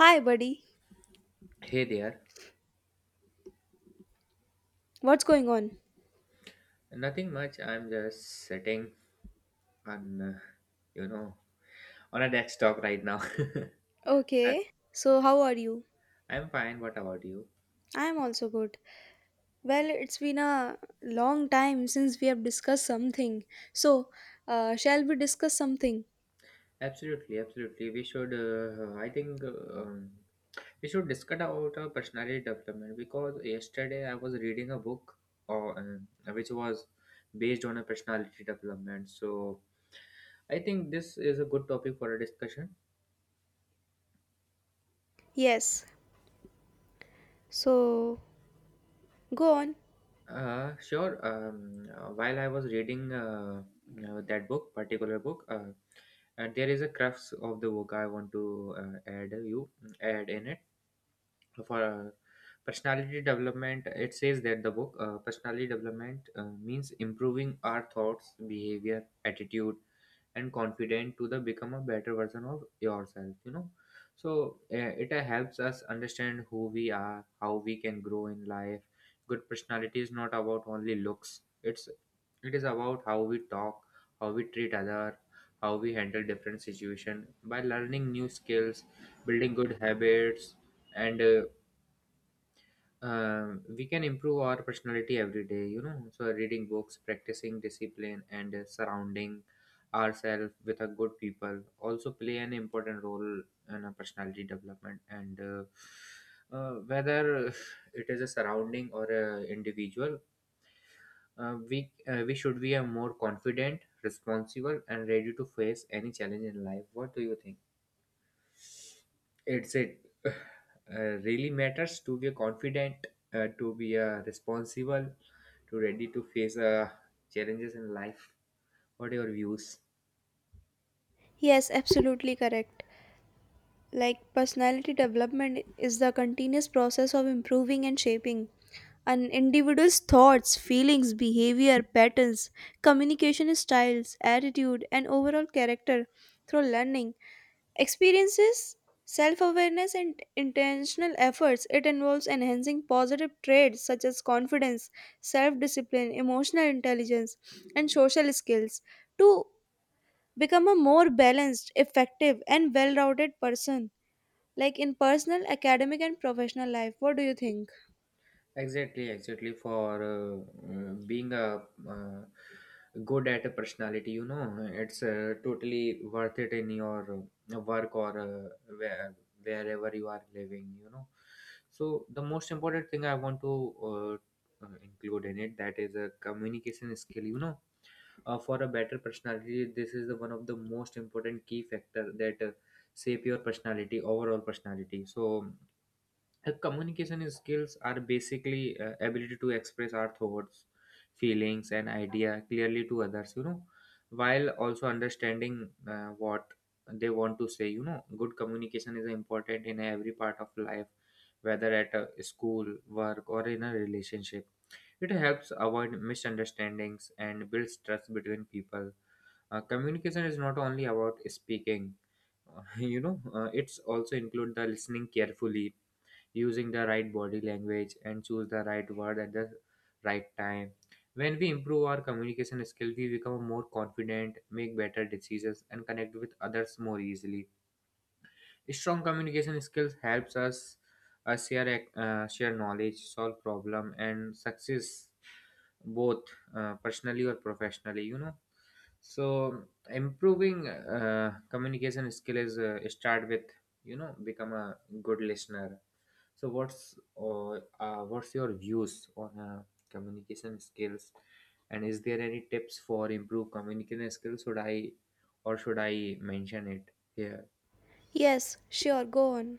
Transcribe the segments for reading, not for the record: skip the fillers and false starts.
Hi, buddy. Hey there, What's going on? nothing much. I'm just sitting on, uh, you know, on a desktop right now. I- Okay, so how are you? I'm fine. What about you? I'm also good. Well, it's been a long time since we have discussed something. So, shall we discuss something? Absolutely, absolutely. We should, I think, we should discuss about personality development, because yesterday I was reading a book, or which was based on a personality development. So I think this is a good topic for a discussion. Yes. So, go on. Sure. While I was reading particular book. And there is a crux of the work I want to uh, add you add in it for personality development. It says that the book, personality development, means improving our thoughts, behavior, attitude, and confident to the become a better version of yourself. So it helps us understand who we are, how we can grow in life. Good personality is not about only looks, it is about how we talk, how we treat other, how we handle different situation by learning new skills, building good habits, and we can improve our personality every day. So reading books, practicing discipline, and surrounding ourselves with a good people also play an important role in a personality development, and whether it is a surrounding or a individual, we should be a more confident, responsible, and ready to face any challenge in life. What do you think? It really matters to be confident, to be responsible, to ready to face challenges in life. What are your views? Yes, absolutely correct. Like, personality development is the continuous process of improving and shaping an individual's thoughts, feelings, behavior, patterns, communication styles, attitude, and overall character through learning Experiences, self awareness, and intentional efforts. It involves enhancing positive traits such as confidence, self discipline, emotional intelligence, and social skills to become a more balanced, effective, and well rounded person, like in personal, academic, and professional life. What do you think? Exactly, exactly. For being a uh, good at a personality, you know, it's totally worth it in your work or wherever you are living, you know. So, the most important thing I want to include in it, that is a communication skill, you know. For a better personality, this is the one of the most important key factor that shape your personality, overall personality. So, communication skills are basically ability to express our thoughts, feelings, and idea clearly to others, you know, while also understanding what they want to say, you know. Good communication is important in every part of life, whether at a school, work, or in a relationship. It helps avoid misunderstandings and builds trust between people. Communication is not only about speaking, you know, it's also include the listening carefully, using the right body language, and choose the right word at the right time. When we improve our communication skills, we become more confident, make better decisions, and connect with others more easily. Strong communication skills helps us share knowledge, solve problem, and success both personally or professionally. You know, so improving communication skill is, start with, you know, become a good listener. So what's your views on communication skills, and is there any tips for improve communication skills? Should I or should I mention it here? Yes, sure, go on.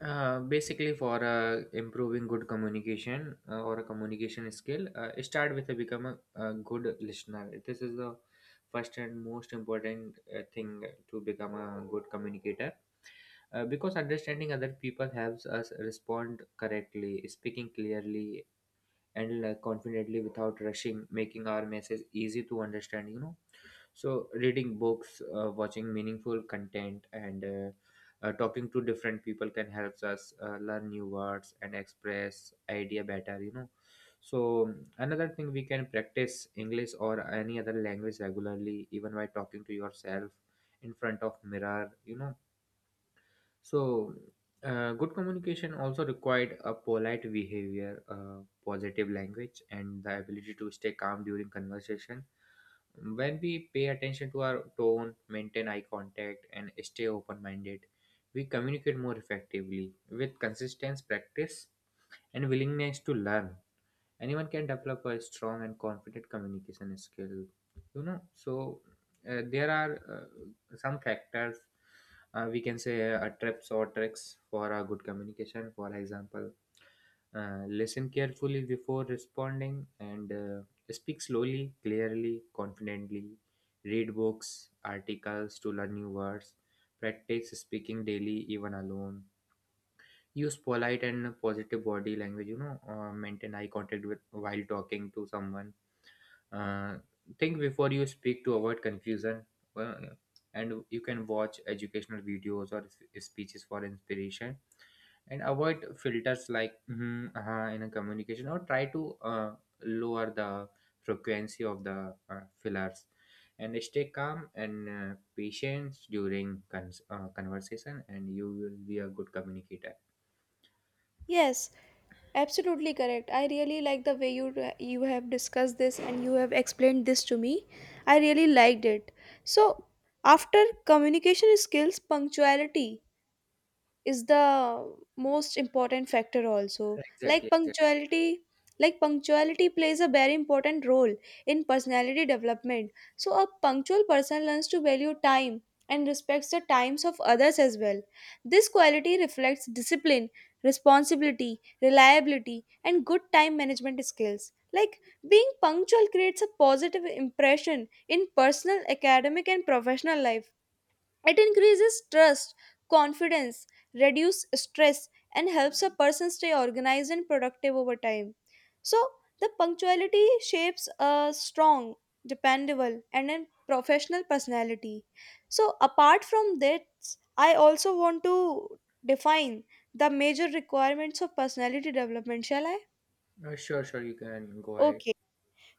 Basically, for improving good communication or a communication skill, start with a become a good listener. This is the first and most important thing to become a good communicator. Because understanding other people helps us respond correctly, speaking clearly, and confidently without rushing, making our message easy to understand, you know. So reading books, watching meaningful content, and talking to different people can help us learn new words and express idea better, you know. So another thing, we can practice English or any other language regularly, even by talking to yourself in front of mirror, you know. So, good communication also required a polite behavior, positive language, and the ability to stay calm during conversation. When we pay attention to our tone, maintain eye contact, and stay open minded, we communicate more effectively. With consistent practice and willingness to learn, anyone can develop a strong and confident communication skill, you know. So there are some factors, we can say, tips or tricks for a good communication. For example, listen carefully before responding, and speak slowly, clearly, confidently. Read books, articles to learn new words. Practice speaking daily, even alone. Use polite and positive body language, you know. Maintain eye contact with, while talking to someone. uh, think before you speak to avoid confusion. uh, and you can watch educational videos or speeches for inspiration, and avoid filters like in a communication, or try to lower the frequency of the fillers, and stay calm and patient during conversation, and you will be a good communicator. Yes, absolutely correct. I really like the way you have discussed this and you have explained this to me. I really liked it. So, after communication skills, punctuality is the most important factor also, Exactly, like exactly. punctuality, like punctuality plays a very important role in personality development. So a punctual person learns to value time and respects the times of others as well. This quality reflects discipline, responsibility, reliability, and good time management skills. Like being punctual creates a positive impression in personal, academic, and professional life. It increases trust, confidence, reduces stress, and helps a person stay organized and productive over time. So, the punctuality shapes a strong, dependable, and a professional personality. So, apart from that, I also want to define the major requirements of personality development, shall I? Sure, sure, you can go ahead. Okay.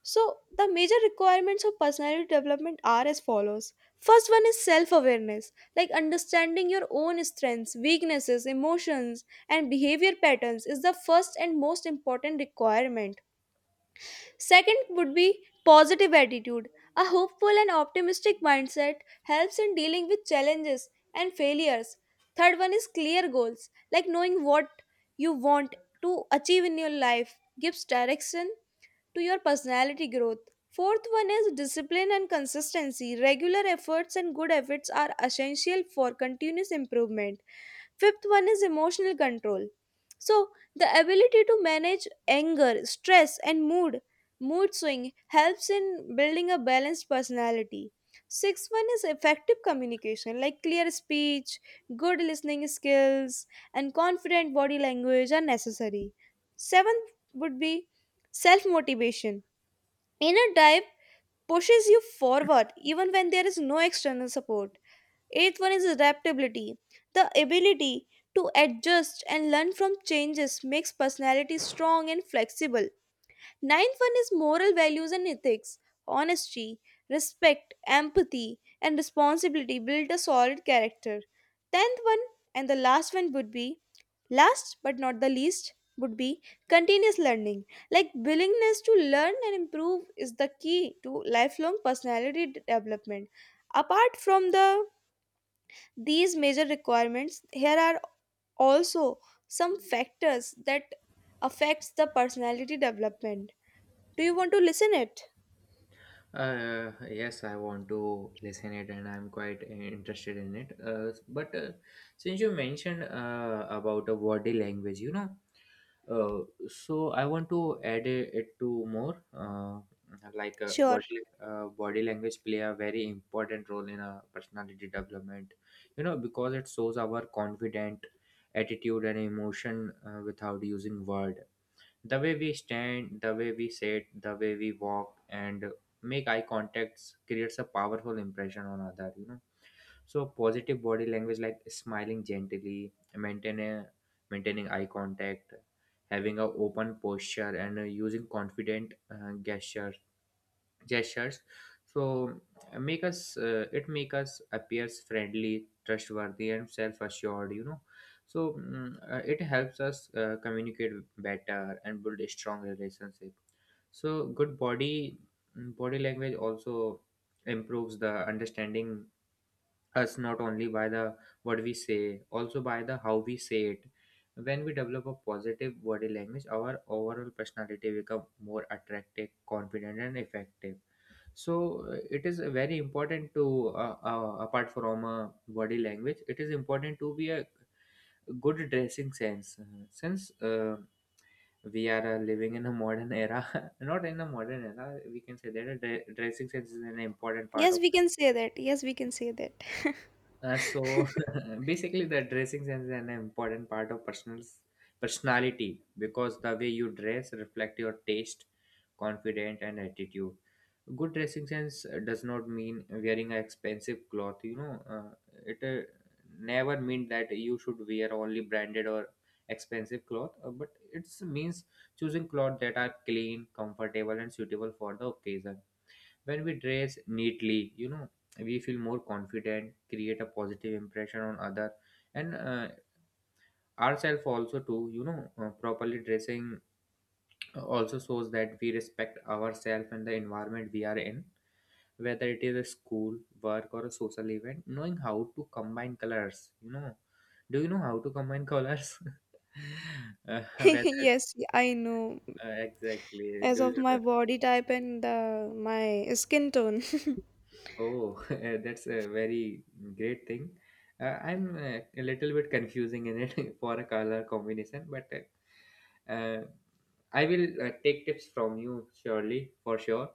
So, the major requirements of personality development are as follows. First one is self awareness, like understanding your own strengths, weaknesses, emotions, and behavior patterns is the first and most important requirement. Second would be positive attitude. A hopeful and optimistic mindset helps in dealing with challenges and failures. Third one is clear goals, like knowing what you want to achieve in your life gives direction to your personality growth. Fourth one is discipline and consistency. Regular efforts and good efforts are essential for continuous improvement. Fifth one is emotional control. So, the ability to manage anger, stress, and mood, Mood swing helps in building a balanced personality. Sixth one is effective communication, like clear speech, good listening skills, and confident body language are necessary. Seventh would be self motivation. Inner drive pushes you forward even when there is no external support. Eighth one is adaptability. The ability to adjust and learn from changes makes personality strong and flexible. Ninth one is moral values and ethics. Honesty, respect, empathy, and responsibility build a solid character. Tenth one and the last one would be, last but not the least would be, continuous learning. Like willingness to learn and improve is the key to lifelong personality development. Apart from these major requirements, here are also some factors that affects the personality development. Do you want to listen it? Yes, I want to listen it and I'm quite interested in it. But since you mentioned about a body language, you know, so I want to add it to more, uh, like uh, Sure. body uh, body language play a very important role in a personality development, you know, because it shows our confident attitude and emotion without using word. The way we stand, the way we sit, the way we walk, and make eye contacts creates a powerful impression on other. You know, so positive body language, like smiling gently, maintaining eye contact, having a open posture, and using confident gestures, so make us, it make us appears friendly, trustworthy, and self-assured, you know. So it helps us communicate better and build a strong relationship. So good body, body language also improves the understanding us, not only by the what we say, also by the how we say it. When we develop a positive body language, our overall personality become more attractive, confident, and effective. So it is very important to apart from body language, it is important to be a good dressing sense. Since we are living in a modern era, not in a modern era, we can say that a dressing sense is an important part Yes, of. we can say that. Yes, we can say that. So basically, the dressing sense is an important part of personal's personality, because the way you dress reflect your taste, confidence, and attitude. Good dressing sense does not mean wearing an expensive cloth. You know, it never mean that you should wear only branded or expensive cloth, but it means choosing cloth that are clean, comfortable, and suitable for the occasion. When we dress neatly, you know, we feel more confident, create a positive impression on other, and ourselves also too, you know. Properly dressing also shows that we respect ourselves and the environment we are in, whether it is a school, work, or a social event, knowing how to combine colors, you know. Do you know how to combine colors? Whether Yes, I know. Exactly As do of you, my body type and my skin tone. Oh, that's a very great thing. I'm a little bit confusing in it for a color combination, but uh, uh, I will take tips from you surely for sure.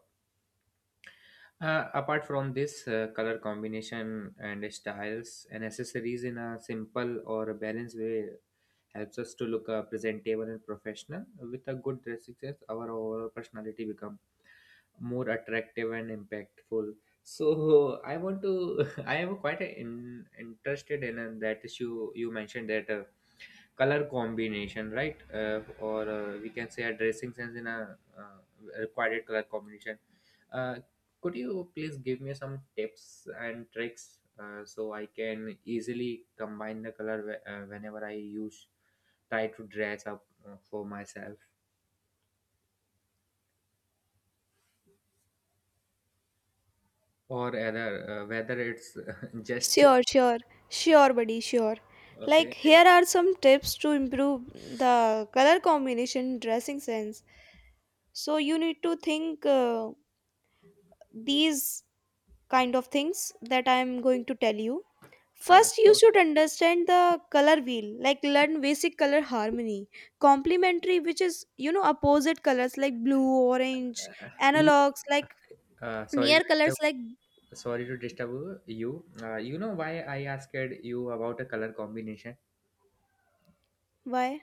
Apart from this, color combination and styles and accessories in a simple or a balanced way helps us to look presentable and professional. With a good dress sense, our overall personality becomes more attractive and impactful. So I want to. I am quite interested in that issue you mentioned that color combination, right? Or we can say a dressing sense in a required color combination. Uh, could you please give me some tips and tricks, so I can easily combine the color whenever I use try to dress up for myself, or rather whether it's just Sure, sure, sure, buddy, sure. Like, okay. here are some tips to improve the color combination dressing sense. So, you need to think these kind of things that I am going to tell you. First, you So should understand the color wheel, like learn basic color harmony. Complementary, which is, you know, opposite colors like blue, orange, you analogs, like Sorry to near colors disturb, like, sorry to disturb you. You know why I asked you about a color combination? why?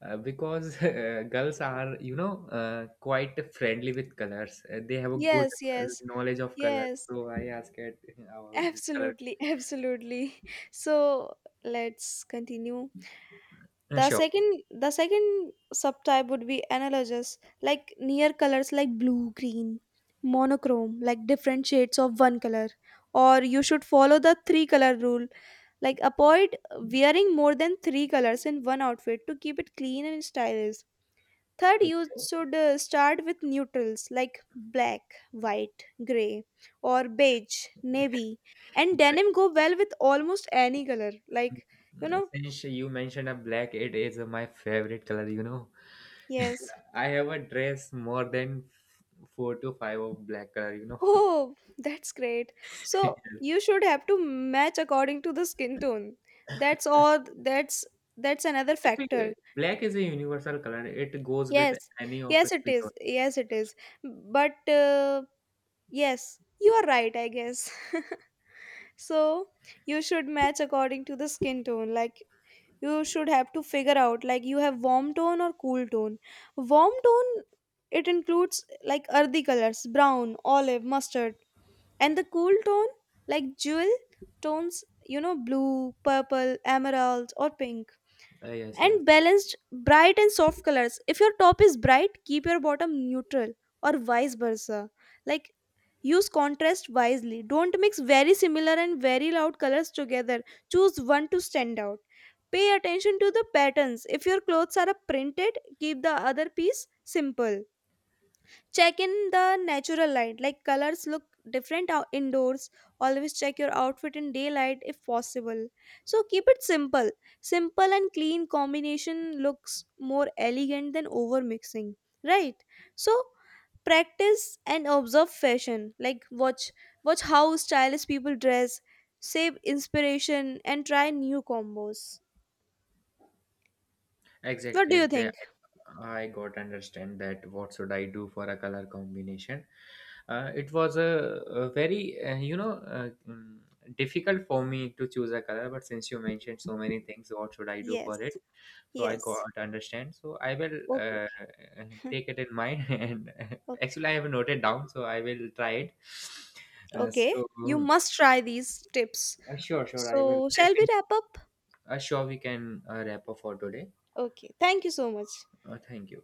Because girls are, you know, quite friendly with colors. They have a good Yes, yes, knowledge of color. yes. So I asked about this color. Absolutely, absolutely. So let's continue. Sure. The second subtype would be analogous, like near colors like blue, green, monochrome, like different shades of one color. Or you should follow the three color rule. Like avoid wearing more than three colors in one outfit to keep it clean and stylish. Third, you Okay. should start with neutrals like black, white, gray, or beige, navy, and denim go well with almost any color. Like, you know, Since you mentioned a black, it is my favorite color. You know, yes. I have a dress more than four to five of black color. You know. Oh, that's great. So, you should have to match according to the skin tone. That's all, that's another factor. Actually, black is a universal color. It goes with Yes. any of a Yes, it skin tone. is. Yes, it is. But yes, you are right, I guess. So you should match according to the skin tone, like you should have to figure out like you have warm tone or cool tone. Warm tone, it includes like earthy colors, brown, olive, mustard, and the cool tone, like jewel tones, you know, blue, purple, emerald, or pink. Yes, yes. And balanced bright and soft colors, if your top is bright keep your bottom neutral, or vice versa. Like use contrast wisely, don't mix very similar and very loud colors together, choose one to stand out. Pay attention to the patterns, if your clothes are printed keep the other piece simple. Check in the natural light, like colors look different indoors, always check your outfit in daylight if possible. So keep it simple, simple and clean combination looks more elegant than over mixing, right? So practice and observe fashion, like watch how stylish people dress, save inspiration and try new combos. What Exactly, do you exactly. think? I got understand that. What should I do for a color combination? It was a very you know difficult for me to choose a color. But since you mentioned so many things, what should I do for Yes, it? So I yes, got understand. So I will okay, take it in mind. And actually, I okay, have noted down. So I will try it. Uh, okay, so you must try these tips. Sure, sure. I will So, shall we definitely. wrap up? Sure, we can wrap up for today. Okay. Thank you so much. Thank you.